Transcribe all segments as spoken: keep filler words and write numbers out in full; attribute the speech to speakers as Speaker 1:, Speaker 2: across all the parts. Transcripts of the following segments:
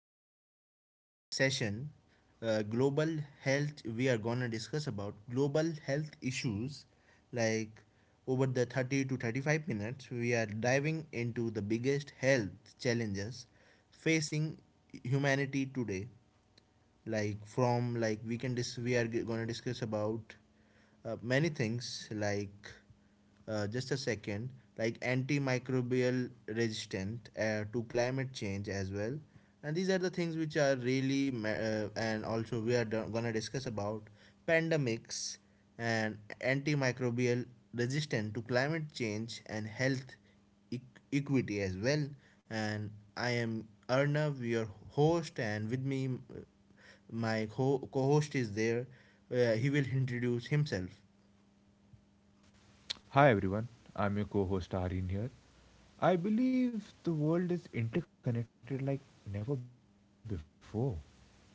Speaker 1: And for today's session, uh, global health, we are gonna discuss about global health issues. Like over the thirty to thirty-five minutes, we are diving into the biggest health challenges facing humanity today, like from like we can dis- we are gonna discuss about uh, many things, like uh, just a second, like antimicrobial resistant, uh, to climate change as well, and these are the things which are really ma- uh, and also we are gonna discuss about pandemics and antimicrobial resistant to climate change and health eq- equity as well. And I am Arnav, your host, and with me, m- my co host is there. Uh, he will introduce himself.
Speaker 2: Hi everyone, I'm your co host Arin here. I believe the world is interconnected like never before.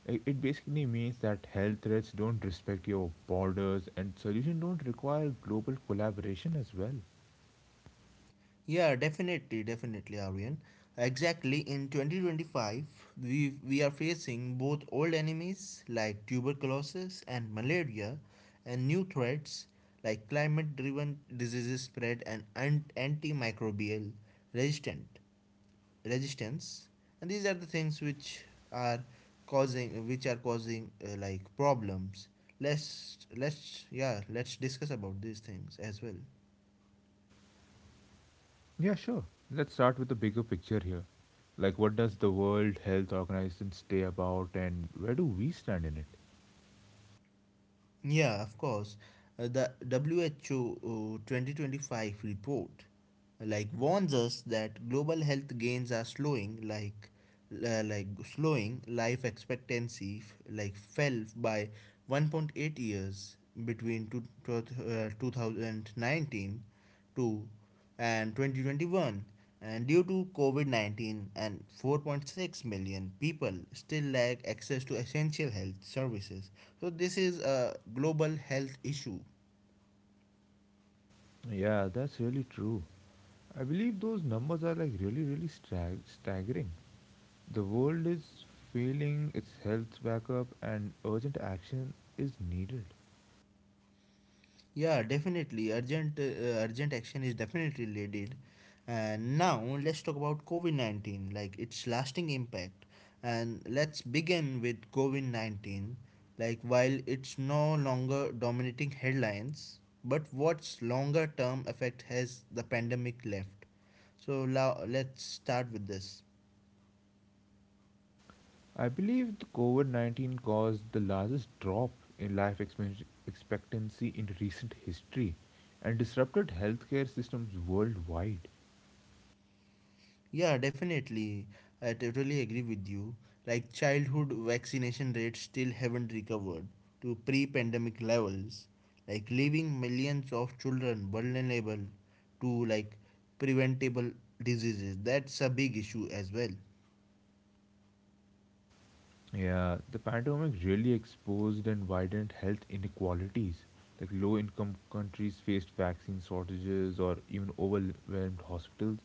Speaker 2: I- It basically means that health threats don't respect your borders and solutions don't require global collaboration as well.
Speaker 1: Yeah, definitely, definitely, Aryan. Exactly, in twenty twenty-five, we, we are facing both old enemies like tuberculosis and malaria, and new threats like climate driven diseases spread and antimicrobial resistant resistance, and these are the things which are causing which are causing uh, like problems. Let's let's, yeah, let's discuss about these things as well.
Speaker 2: Yeah, sure. Let's start with the bigger picture here. Like, what does the World Health Organization stay about and where do we stand in it?
Speaker 1: Yeah, of course. Uh, the W H O, uh, twenty twenty-five report, uh, like warns us that global health gains are slowing, like uh, like slowing life expectancy, f- like fell by one point eight years between two, two, uh, two thousand nineteen to and twenty twenty-one, and due to covid nineteen, and four point six million people still lack access to essential health services. So this is a global health issue.
Speaker 2: Yeah, that's really true. I believe those numbers are like really, really stag- staggering. The world is feeling its health back up and urgent action is needed.
Speaker 1: Yeah, definitely. Urgent, uh, urgent action is definitely needed. And now let's talk about COVID nineteen, like its lasting impact. And let's begin with COVID nineteen. Like, while it's no longer dominating headlines, but what's longer term effect has the pandemic left? So now let's start with this.
Speaker 2: I believe the COVID nineteen caused the largest drop in life expe- expectancy in recent history and disrupted healthcare systems worldwide.
Speaker 1: Yeah, definitely. I totally agree with you. Like childhood vaccination rates still haven't recovered to pre-pandemic levels, like leaving millions of children vulnerable to like preventable diseases. That's a big issue as well.
Speaker 2: Yeah, the pandemic really exposed and widened health inequalities. Like low income countries faced vaccine shortages or even overwhelmed hospitals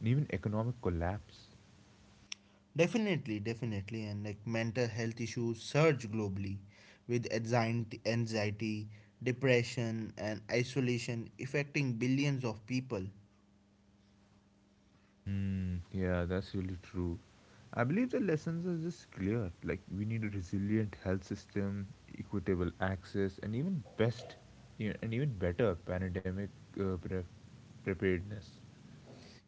Speaker 2: and even economic collapse.
Speaker 1: Definitely, definitely, and like mental health issues surge globally with anxiety, anxiety, depression, and isolation affecting billions of people.
Speaker 2: Hmm. Yeah, that's really true. I believe the lessons are just clear. Like we need a resilient health system, equitable access, and even best, e- and even better pandemic uh, pre- preparedness.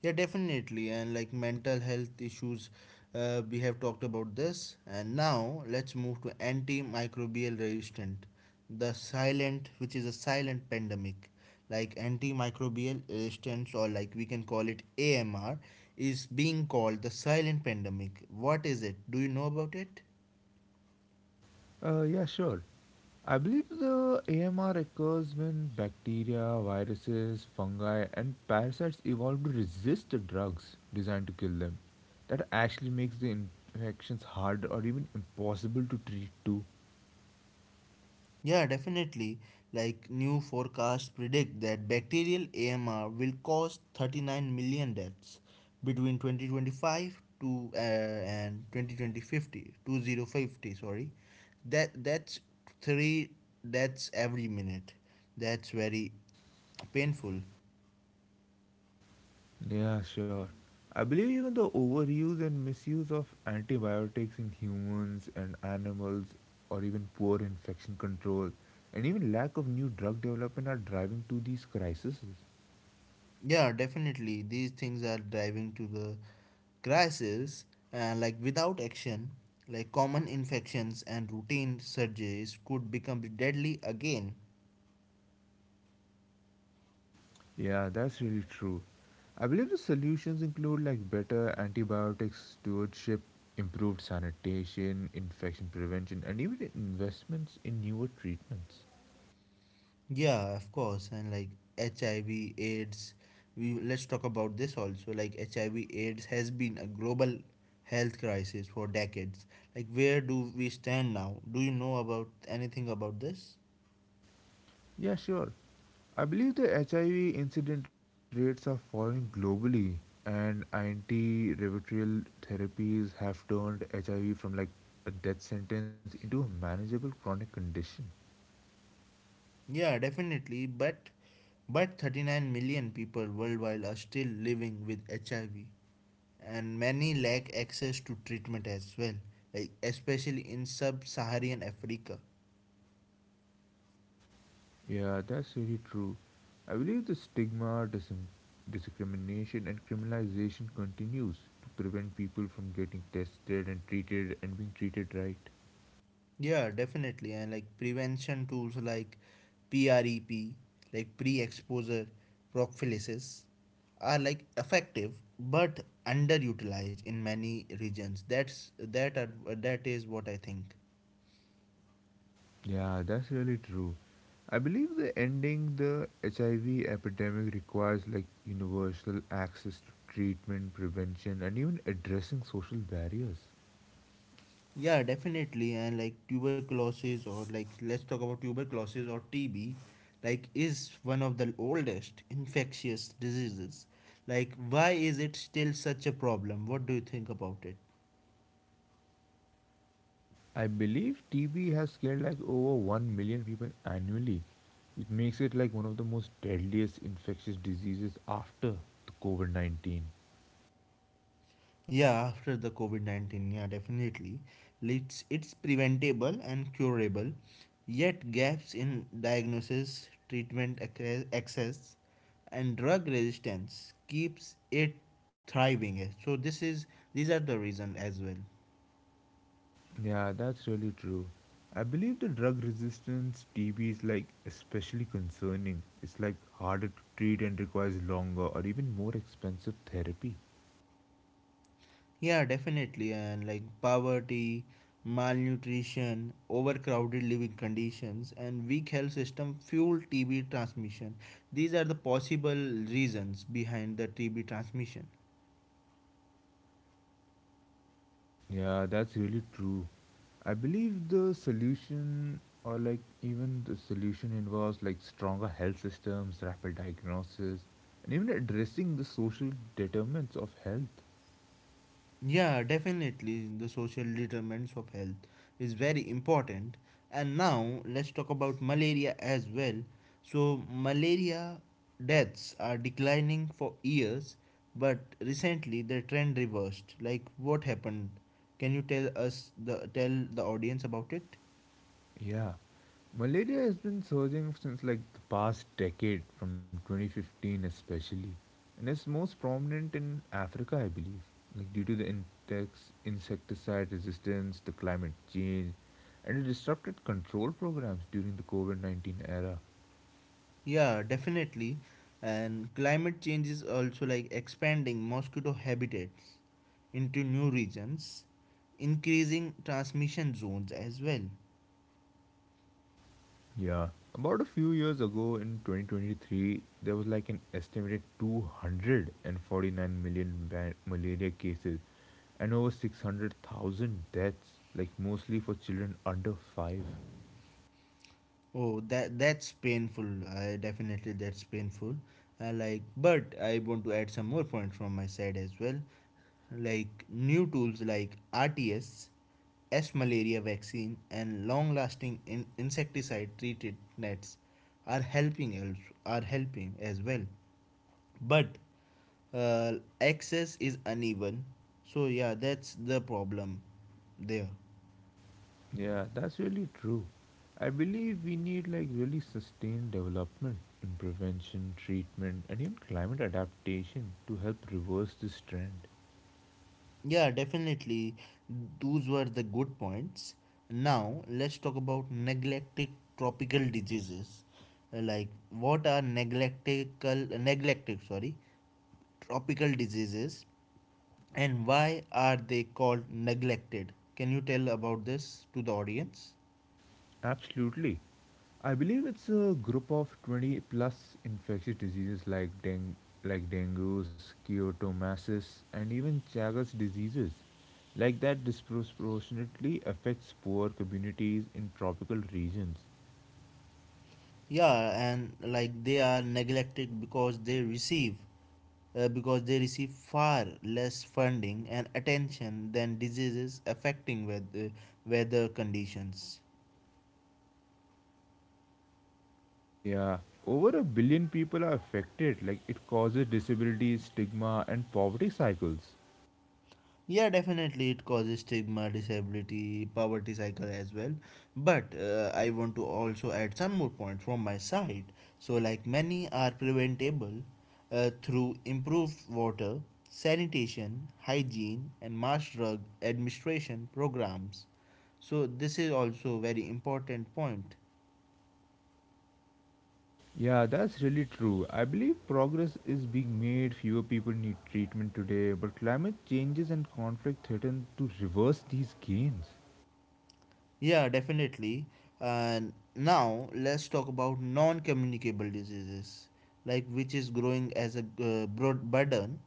Speaker 1: Yeah, definitely. And like mental health issues, uh, we have talked about this. And now let's move to antimicrobial resistant, the silent, which is a silent pandemic. Like antimicrobial resistance, or like we can call it A M R, is being called the silent pandemic. What is it? Do you know about it?
Speaker 2: Uh, yeah, sure. I believe the A M R occurs when bacteria, viruses, fungi, and parasites evolve to resist the drugs designed to kill them. That actually makes the infections harder or even impossible to treat too.
Speaker 1: Yeah, definitely. Like new forecasts predict that bacterial A M R will cause thirty-nine million deaths between twenty twenty-five to uh, and twenty fifty, twenty fifty, sorry, that that's three deaths every minute. That's very painful.
Speaker 2: Yeah, sure. I believe even the overuse and misuse of antibiotics in humans and animals, or even poor infection control, and even lack of new drug development are driving to these crises.
Speaker 1: Yeah, definitely. These things are driving to the crisis, and like without action, like common infections and routine surgeries could become deadly again.
Speaker 2: Yeah, that's really true. I believe the solutions include like better antibiotic stewardship, improved sanitation, infection prevention, and even investments in newer treatments.
Speaker 1: Yeah, of course, and like H I V, AIDS. We let's talk about this also. Like H I V, AIDS has been a global health crisis for decades. Like, where do we stand now? Do you know about anything about this?
Speaker 2: Yeah, sure. I believe the H I V incident rates are falling globally, and antiretroviral therapies have turned H I V from like a death sentence into a manageable chronic condition.
Speaker 1: Yeah, definitely. But but thirty-nine million people worldwide are still living with H I V, and many lack access to treatment as well. Like especially in sub-Saharan Africa.
Speaker 2: Yeah, that's really true. I believe the stigma, dis- discrimination, and criminalization continues to prevent people from getting tested and treated and being treated right.
Speaker 1: Yeah, definitely. And like prevention tools like PREP, like pre-exposure prophylaxis, are like effective but underutilized in many regions. That's that are, that is what I think.
Speaker 2: Yeah, that's really true. I believe the ending the H I V epidemic requires like universal access to treatment, prevention, and even addressing social barriers.
Speaker 1: Yeah, definitely. And like tuberculosis, or like let's talk about tuberculosis or T B, like is one of the oldest infectious diseases. Like, why is it still such a problem? What do you think about it?
Speaker 2: I believe T B has killed like over one million people annually. It makes it like one of the most deadliest infectious diseases after the COVID nineteen.
Speaker 1: Yeah, after the COVID nineteen, yeah, definitely. It's, it's preventable and curable, yet, gaps in diagnosis, treatment acce- access, and drug resistance keeps it thriving. eh. So, this is these are the reason as well.
Speaker 2: Yeah, that's really true. I believe the drug resistance T B is like especially concerning. It's like harder to treat and requires longer or even more expensive therapy.
Speaker 1: Yeah, definitely. And like poverty, malnutrition, overcrowded living conditions, and weak health system fuel T B transmission. These are the possible reasons behind the T B transmission.
Speaker 2: Yeah, that's really true. I believe the solution or like even the solution involves like stronger health systems, rapid diagnosis, and even addressing the social determinants of health.
Speaker 1: Yeah, definitely. The social determinants of health is very important. And now let's talk about malaria as well. So, malaria deaths are declining for years, but recently the trend reversed. Like, what happened? Can you tell us the tell the audience about it?
Speaker 2: Yeah. Malaria has been surging since like the past decade from twenty fifteen especially. And it's most prominent in Africa, I believe. Like due to the insects, insecticide resistance, the climate change, and the disrupted control programs during the COVID nineteen era.
Speaker 1: Yeah, definitely. And climate change is also like expanding mosquito habitats into new regions, increasing transmission zones as well.
Speaker 2: Yeah, about a few years ago in twenty twenty-three, there was like an estimated two hundred forty-nine million ba- malaria cases and over six hundred thousand deaths, like mostly for children under five.
Speaker 1: Oh, that that's painful. I definitely That's painful. Uh, like, but I want to add some more points from my side as well. Like new tools like R T S, S S malaria vaccine, and long-lasting in- insecticide-treated nets are helping als- are helping as well, but uh, access is uneven, so yeah, that's the problem there.
Speaker 2: Yeah, that's really true. I believe we need like really sustained development in prevention, treatment, and even climate adaptation to help reverse this trend.
Speaker 1: Yeah, definitely, those were the good points. Now let's talk about neglected tropical diseases. Uh, like, what are neglectical neglected sorry tropical diseases, and why are they called neglected? Can you tell about this to the audience?
Speaker 2: Absolutely. I believe it's a group of twenty plus infectious diseases like deng- like dengue, schistosomiasis, and even Chagas diseases like that disproportionately affects poor communities in tropical regions.
Speaker 1: Yeah, and like they are neglected because they receive uh, because they receive far less funding and attention than diseases affecting weather, weather conditions.
Speaker 2: Yeah, over a billion people are affected. Like it causes disabilities, stigma, and poverty cycles.
Speaker 1: Yeah, definitely, it causes stigma, disability, poverty cycle as well. But uh, I want to also add some more points from my side. So, like many are preventable uh, through improved water, sanitation, hygiene, and mass drug administration programs. So this is also very important point.
Speaker 2: Yeah, that's really true. I believe progress is being made, fewer people need treatment today, but climate changes and conflict threaten to reverse these gains.
Speaker 1: Yeah, definitely. And now let's talk about non-communicable diseases, like which is growing as a uh, broad burden.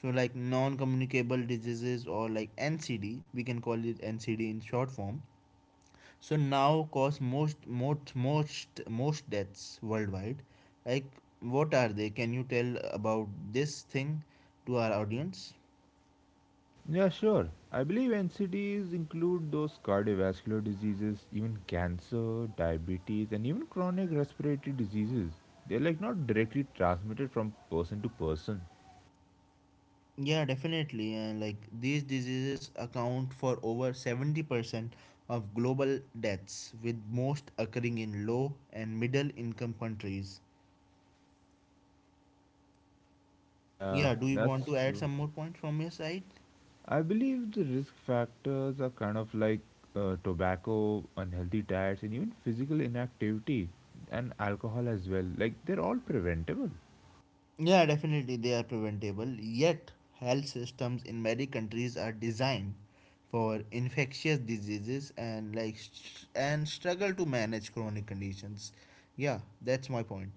Speaker 1: So, like non-communicable diseases, or like N C D, we can call it N C D in short form. So now cause most most most most deaths worldwide. Like, what are they? Can you tell about this thing to our audience?
Speaker 2: Yeah, sure. I believe N C Ds include those cardiovascular diseases, even cancer, diabetes, and even chronic respiratory diseases. They're like not directly transmitted from person to person.
Speaker 1: Yeah, definitely. And like these diseases account for over seventy percent of global deaths, with most occurring in low and middle income countries.
Speaker 2: Yeah,
Speaker 1: Yeah, do you want
Speaker 2: that's
Speaker 1: to add
Speaker 2: true.
Speaker 1: some more points from your side?
Speaker 2: I believe the risk factors are kind of like uh, tobacco, unhealthy diets, and even physical inactivity and alcohol as well. Like they're all preventable.
Speaker 1: Yeah, definitely, they are preventable. Yet, health systems in many countries are designed for infectious diseases and like str- and struggle to manage chronic conditions. Yeah, that's my point.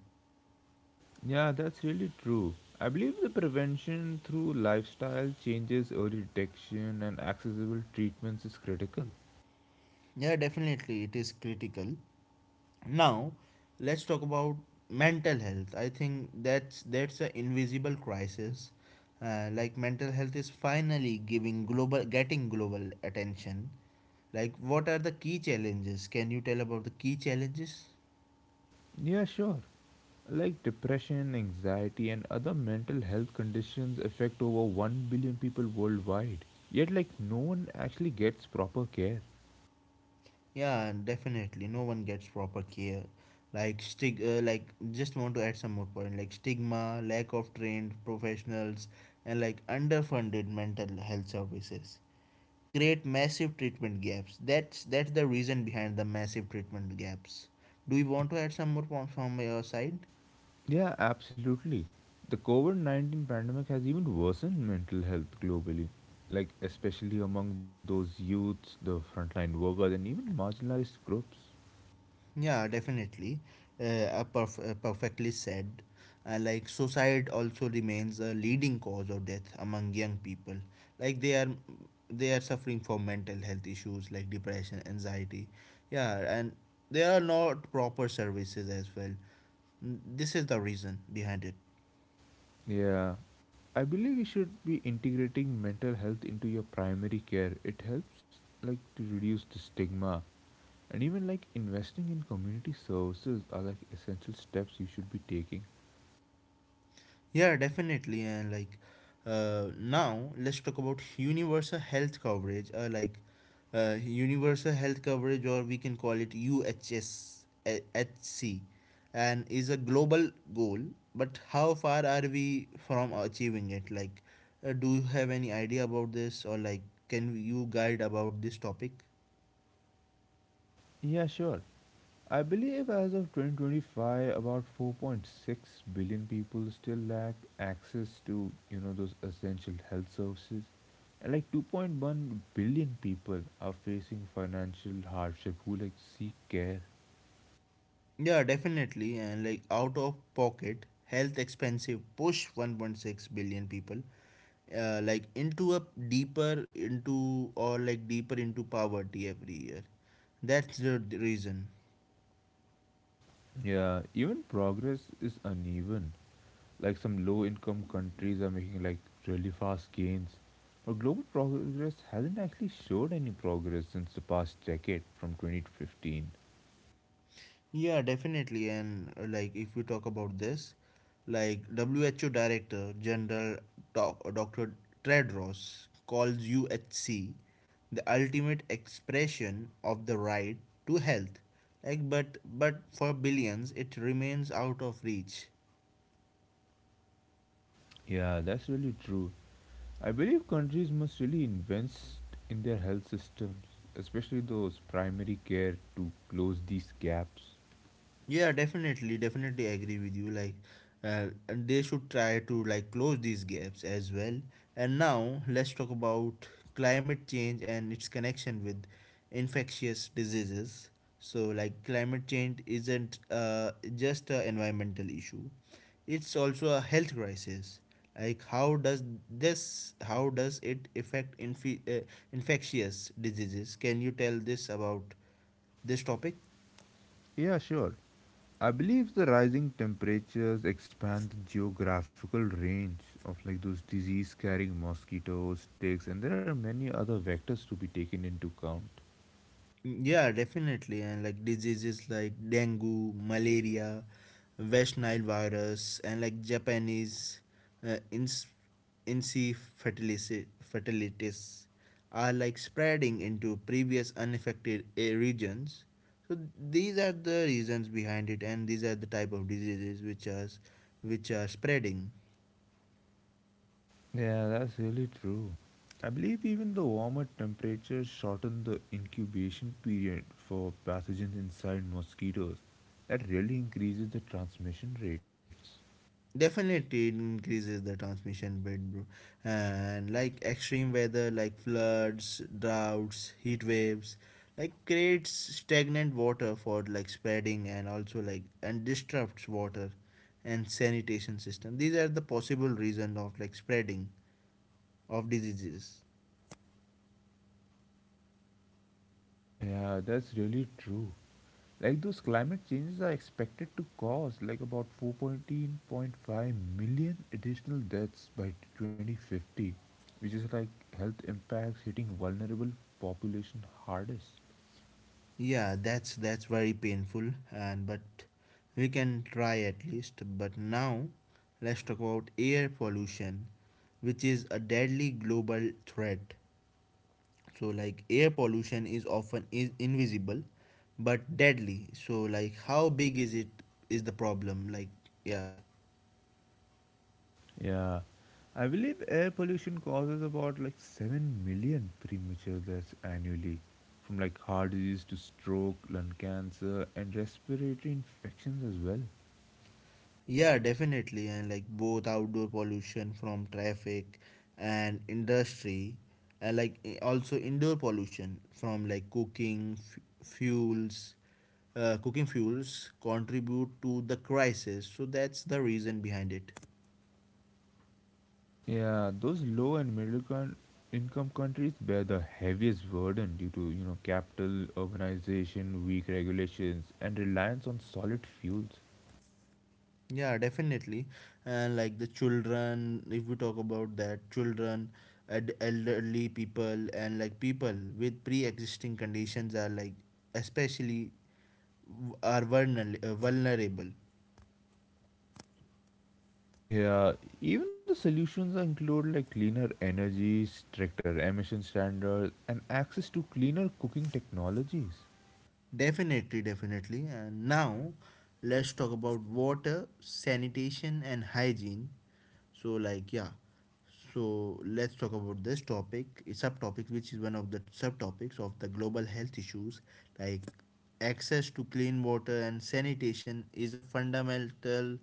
Speaker 2: Yeah, that's really true. I believe the prevention through lifestyle changes, early detection, and accessible treatments is critical.
Speaker 1: Yeah, definitely, it is critical. Now let's talk about mental health. I think that's that's an invisible crisis. Uh, like mental health is finally giving global getting global attention. Like, what are the key challenges? Can you tell about the key challenges?
Speaker 2: Yeah, sure. Like depression, anxiety, and other mental health conditions affect over one billion people worldwide. Yet, like, no one actually gets proper care.
Speaker 1: Yeah, definitely, no one gets proper care. Like, stig uh, like, just want to add some more point, like stigma, lack of trained professionals, and like underfunded mental health services create massive treatment gaps. That's that's the reason behind the massive treatment gaps. Do you want to add some more points from your side?
Speaker 2: Yeah, absolutely. The COVID nineteen pandemic has even worsened mental health globally, like especially among those youths, the frontline workers, and even marginalized groups.
Speaker 1: Yeah, definitely. Uh, a perf- uh, perfectly said. Uh, like suicide also remains a leading cause of death among young people. Like they are they are suffering from mental health issues like depression, anxiety. Yeah, and there are not proper services as well. This is the reason behind it.
Speaker 2: Yeah, I believe you should be integrating mental health into your primary care. It helps like to reduce the stigma and even like investing in community services are like essential steps you should be taking.
Speaker 1: Yeah, definitely. And like uh, now, let's talk about universal health coverage. Uh, like uh, universal health coverage, or we can call it U H S H C, and is a global goal. But how far are we from achieving it? Like, uh, do you have any idea about this, or like, can you guide about this topic?
Speaker 2: Yeah, sure. I believe as of twenty twenty-five, about four point six billion people still lack access to you know those essential health services, and like two point one billion people are facing financial hardship who like seek care.
Speaker 1: Yeah, definitely. And like out of pocket, health expensive push one point six billion people uh, like into a deeper into or like deeper into poverty every year. That's the d- reason.
Speaker 2: Yeah, even progress is uneven. Like some low-income countries are making like really fast gains, but global progress hasn't actually showed any progress since the past decade from twenty fifteen.
Speaker 1: Yeah, definitely. And uh, like, if we talk about this, like W H O Director General Doc, Doctor Tedros calls U H C the ultimate expression of the right to health. Like, but but for billions, it remains out of reach.
Speaker 2: Yeah, that's really true. I believe countries must really invest in their health systems, especially those primary care, to close these gaps.
Speaker 1: Yeah, definitely, definitely agree with you. Like, uh, and they should try to like close these gaps as well. And now let's talk about climate change and its connection with infectious diseases. So, like, climate change isn't uh, just an environmental issue; it's also a health crisis. Like, how does this? How does it affect inf- uh, infectious diseases? Can you tell this about this topic?
Speaker 2: Yeah, sure. I believe the rising temperatures expand the geographical range of like those disease carrying mosquitoes, ticks, and there are many other vectors to be taken into account.
Speaker 1: Yeah, definitely. And like diseases like dengue, malaria, West Nile virus, and like Japanese uh, ins- encephalitis fatalities are like spreading into previous unaffected uh, regions. So these are the reasons behind it, and these are the type of diseases which are which are spreading.
Speaker 2: Yeah, that's really true. I believe even the warmer temperatures shorten the incubation period for pathogens inside mosquitoes. That really increases the transmission rates.
Speaker 1: Definitely, it increases the transmission rate, bro. And like extreme weather, like floods, droughts, heat waves, like creates stagnant water for like spreading, and also like and disrupts water and sanitation system. These are the possible reason of like spreading of diseases.
Speaker 2: Yeah, that's really true. Like those climate changes are expected to cause like about four point five million additional deaths by twenty fifty, which is like health impacts hitting vulnerable population hardest.
Speaker 1: Yeah, that's that's very painful, and but we can try at least. But now let's talk about air pollution, which is a deadly global threat. So, like air pollution is often is invisible but deadly. So, like how big is it is the problem? Like, yeah.
Speaker 2: Yeah, I believe air pollution causes about like seven million premature deaths annually from like heart disease to stroke, lung cancer, and respiratory infections as well.
Speaker 1: Yeah, definitely. And like both outdoor pollution from traffic and industry, and like i- also indoor pollution from like cooking f- fuels, uh, cooking fuels contribute to the crisis. So that's the reason behind it.
Speaker 2: Yeah, those low and middle con- income countries bear the heaviest burden due to, you know, capital, urbanization, weak regulations, and reliance on solid fuels.
Speaker 1: Yeah, definitely. And like the children, if we talk about that, children, ed- elderly people, and like people with pre-existing conditions are like especially w- are vulnerable, uh, vulnerable.
Speaker 2: Yeah, even the solutions include like cleaner energy, stricter emission standards, and access to cleaner cooking technologies.
Speaker 1: Definitely, definitely. And now let's talk about water, sanitation, and hygiene. So, like, yeah. So, let's talk about this topic, a subtopic, which is one of the subtopics of the global health issues. Like, access to clean water and sanitation is a fundamental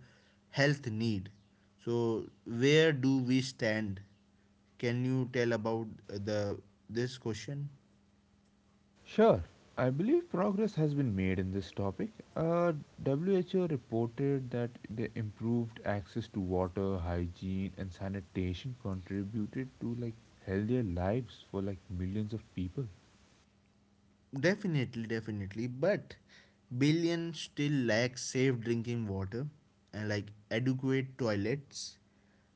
Speaker 1: health need. So, where do we stand? Can you tell about uh, the this question?
Speaker 2: Sure. I believe progress has been made in this topic. Uh, W H O reported that the improved access to water, hygiene, and sanitation contributed to like healthier lives for like millions of people.
Speaker 1: Definitely, definitely. But billions still lack safe drinking water and like adequate toilets,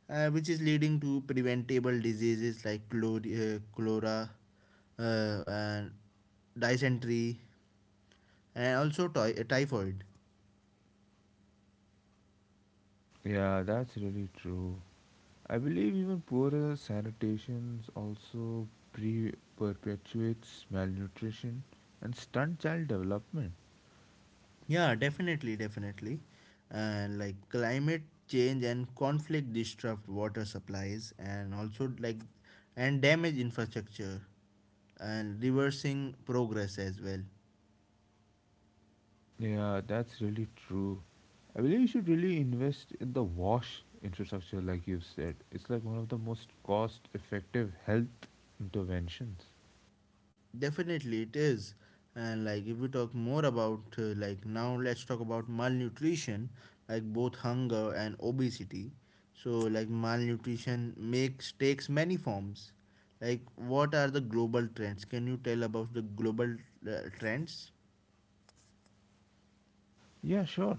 Speaker 1: uh, which is leading to preventable diseases like chlor- uh, chlora, uh, and dysentery and also ty- typhoid.
Speaker 2: Yeah, that's really true. I believe even poorer sanitation also pre- perpetuates malnutrition and stunt child development.
Speaker 1: Yeah, definitely, definitely. And like climate change and conflict disrupt water supplies, and also like and damage infrastructure and reversing progress as well.
Speaker 2: Yeah, that's really true. I believe you should really invest in the wash infrastructure, like you've said. It's like one of the most cost effective health interventions.
Speaker 1: Definitely it is. And like if we talk more about uh, like now let's talk about malnutrition, like both hunger and obesity. So like malnutrition makes takes many forms. Like what are the global trends? Can you tell about the global uh, trends?
Speaker 2: Yeah, sure.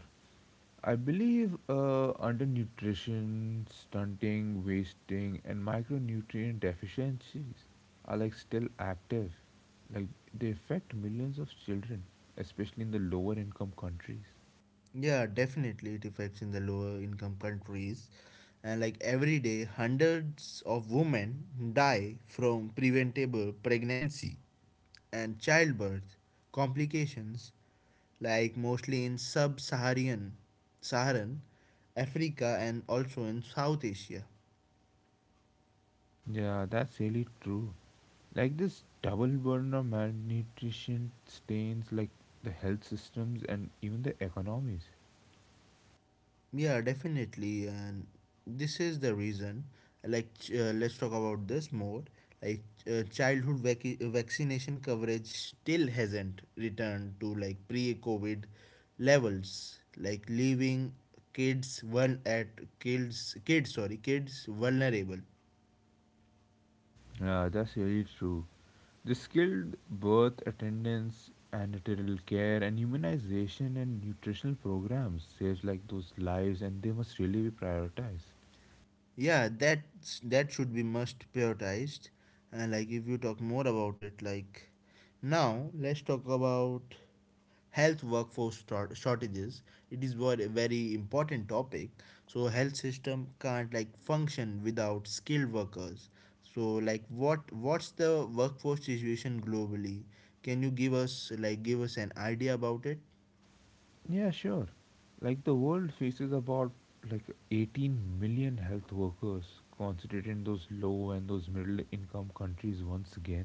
Speaker 2: I believe uh, undernutrition, stunting, wasting, and micronutrient deficiencies are like still active. Like they affect millions of children, especially in the lower income countries.
Speaker 1: Yeah, definitely it affects in the lower income countries. And like every day hundreds of women die from preventable pregnancy and childbirth complications, like mostly in sub-saharan saharan africa and also in south asia.
Speaker 2: Yeah, that's really true. Like this double burden of malnutrition stains like the health systems and even the economies.
Speaker 1: Yeah, definitely. And this is the reason, like uh, let's talk about this more. Like uh, childhood vac- vaccination coverage still hasn't returned to like pre-covid levels, like leaving kids one at kids kids sorry kids, vulnerable.
Speaker 2: Yeah, that's really true. The skilled birth attendance and natal care and humanization and nutritional programs saves like those lives and they must really be prioritized.
Speaker 1: Yeah, that's that should be must prioritized. And like if you talk more about it, like now let's talk about health workforce short- shortages. It is what a very important topic. So health system can't like function without skilled workers. So like what what's the workforce situation globally? Can you give us like give us an idea about it?
Speaker 2: Yeah, sure. Like the world faces about like eighteen million health workers concentrated in those low and those middle income countries once again.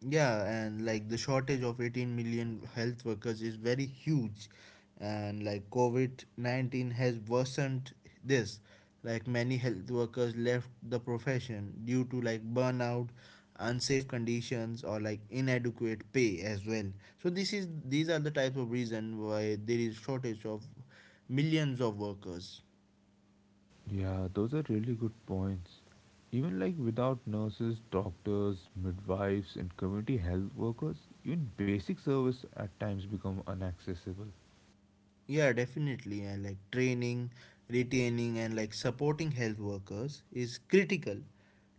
Speaker 1: Yeah, and like the shortage of eighteen million health workers is very huge, and like COVID nineteen has worsened this. Like many health workers left the profession due to like burnout, unsafe conditions, or like inadequate pay as well. So this is These are the types of reason why there is shortage of millions of workers.
Speaker 2: Yeah, those are really good points. Even like without nurses, doctors, midwives and community health workers, even basic service at times become inaccessible.
Speaker 1: Yeah, definitely. And like training, retaining, and like supporting health workers is critical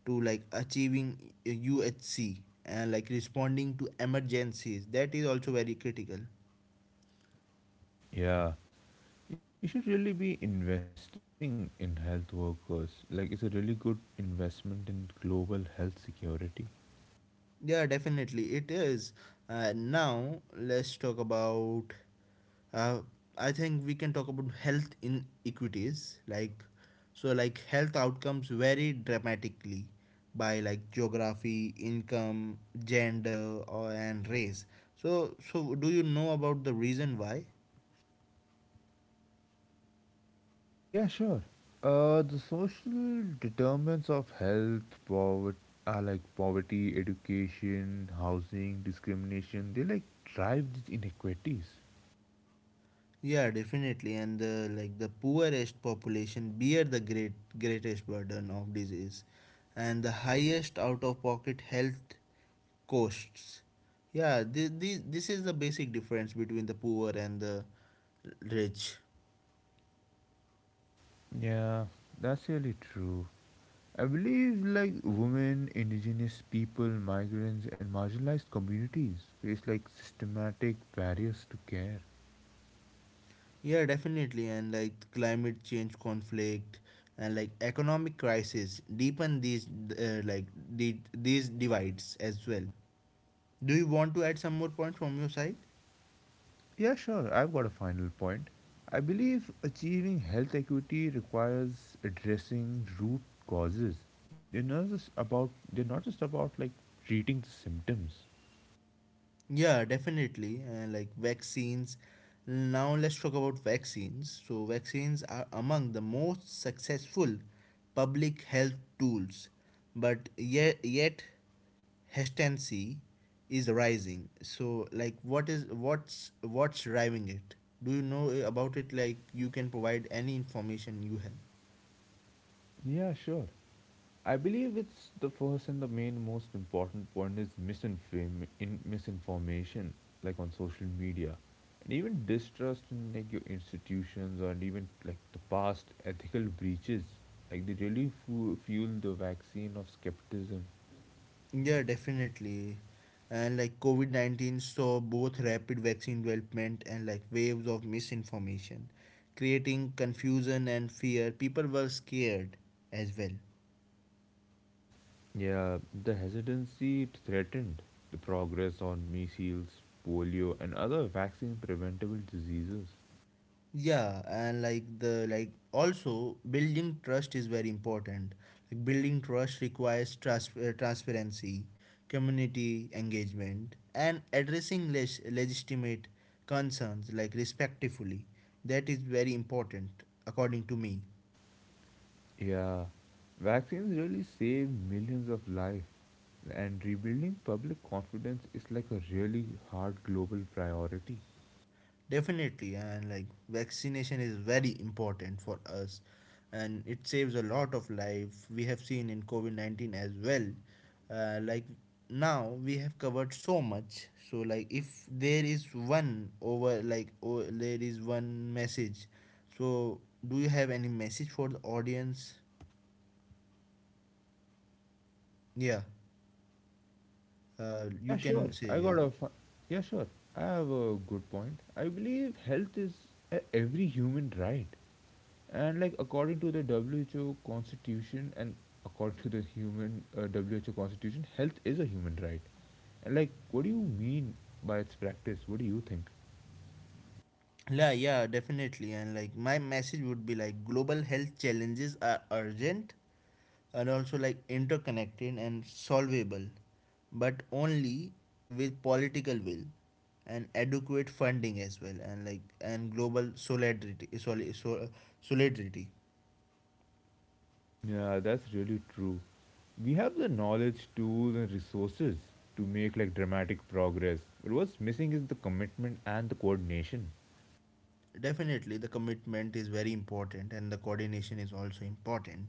Speaker 1: to like achieving U H C and like responding to emergencies. That is also very critical.
Speaker 2: Yeah, you should really be investing in health workers. Like, it's a really good investment in global health security.
Speaker 1: Yeah, definitely it is. Uh, now let's talk about. Uh, I think we can talk about health inequities, like so, like health outcomes vary dramatically by like geography, income, gender, or and race. So, so do you know about the reason why?
Speaker 2: Yeah, sure. Uh, the social determinants of health, poverty, are like poverty, education, housing, discrimination. They like drive these inequities.
Speaker 1: Yeah, definitely. And the, like the poorest population bear the great greatest burden of disease and the highest out of pocket health costs. Yeah, this, this, this is the basic difference between the poor and the rich.
Speaker 2: Yeah, that's really true. I believe like women, indigenous people, migrants, and marginalized communities face like systematic barriers to care.
Speaker 1: Yeah, definitely. And like climate change, conflict, and like economic crisis deepen these uh, like the, these divides as well. Do you want to add some more points from your side?
Speaker 2: Yeah, sure. I've got a final point. I believe achieving health equity requires addressing root causes. They're not just about they're not just about like treating the symptoms.
Speaker 1: Yeah, definitely. Uh, like vaccines. Now let's talk about vaccines. So vaccines are among the most successful public health tools, but yet yet hesitancy is rising. So like what is what's what's driving it? Do you know about it? Like you can provide any information you have.
Speaker 2: Yeah, sure. I believe it's the first and the main most important point is misinform- in misinformation, like on social media, and even distrust in like your institutions or even like the past ethical breaches. Like they really fu- fuel the vaccine of skepticism.
Speaker 1: Yeah, definitely. And like COVID nineteen saw both rapid vaccine development and like waves of misinformation, creating confusion and fear. People were scared as well.
Speaker 2: Yeah, the hesitancy threatened the progress on measles, polio, and other vaccine preventable diseases.
Speaker 1: Yeah, and like the like also building trust is very important. Like building trust requires trans- uh, transparency, community engagement, and addressing leg- legitimate concerns like respectfully. That is very important according to me.
Speaker 2: Yeah, vaccines really save millions of lives, and rebuilding public confidence is like a really hard global priority.
Speaker 1: Definitely, and like vaccination is very important for us, and it saves a lot of life. We have seen in COVID nineteen as well. Uh, like now we have covered so much. So like if there is one over like oh, there is one message. So do you have any message for the audience? Yeah, uh,
Speaker 2: Yeah,
Speaker 1: you
Speaker 2: sure.
Speaker 1: can say
Speaker 2: I
Speaker 1: yeah.
Speaker 2: got a. Fu- yeah, sure. I have a good point. I believe health is a- every human right. And like according to the W H O constitution and according to the human uh, W H O constitution, health is a human right. And like, what do you mean by its practice? What do you think?
Speaker 1: Yeah, yeah, definitely. And like my message would be like global health challenges are urgent, are also like interconnected and solvable, but only with political will and adequate funding as well, and like and global solidarity, soli- sol- solidarity.
Speaker 2: Yeah, that's really true. We have the knowledge, tools, and resources to make like dramatic progress. But what's missing is the commitment and the coordination.
Speaker 1: Definitely the commitment is very important and the coordination is also important.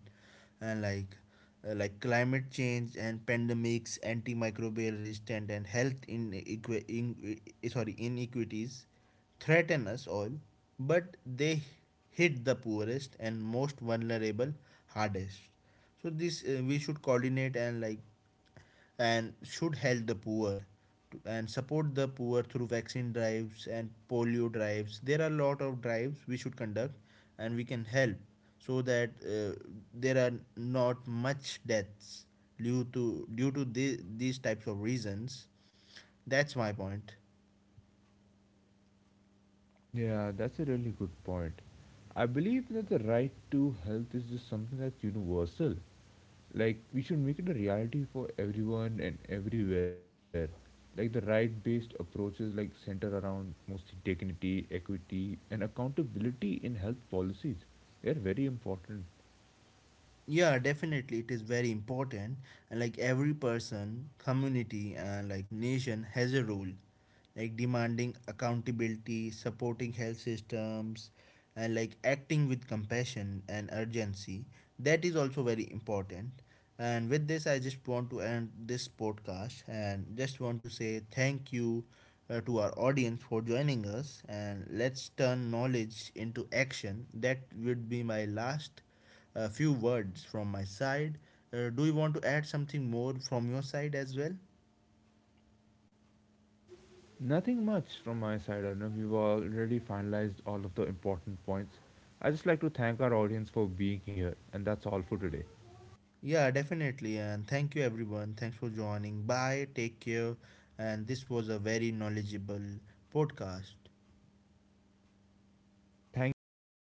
Speaker 1: And like uh, like climate change and pandemics, antimicrobial resistant, and health in, in eh, sorry inequities threaten us all, but they hit the poorest and most vulnerable hardest. So this uh, we should coordinate, and like and should help the poor and support the poor through vaccine drives and polio drives. There are a lot of drives we should conduct and we can help, so that uh, there are not much deaths due to due to the, these types of reasons. That's my point.
Speaker 2: Yeah, that's a really good point. I believe that the right to health is just something that's universal. Like, we should make it a reality for everyone and everywhere. Like, the right based approaches, like, center around mostly dignity, equity, and accountability in health policies. They're very important.
Speaker 1: Yeah, definitely it is very important. And like every person, community, and like nation has a role, like demanding accountability, supporting health systems, and like acting with compassion and urgency. That is also very important. And with this I just want to end this podcast and just want to say thank you uh, to our audience for joining us, and let's turn knowledge into action. That would be my last a few words from my side. Uh, do you want to add something more from your side as well?
Speaker 2: Nothing much from my side, Arnab. We have already finalized all of the important points. I just like to thank our audience for being here, and that's all for today.
Speaker 1: Yeah, definitely. And thank you, everyone. Thanks for joining. Bye. Take care. And this was a very knowledgeable podcast.
Speaker 2: Thank you all for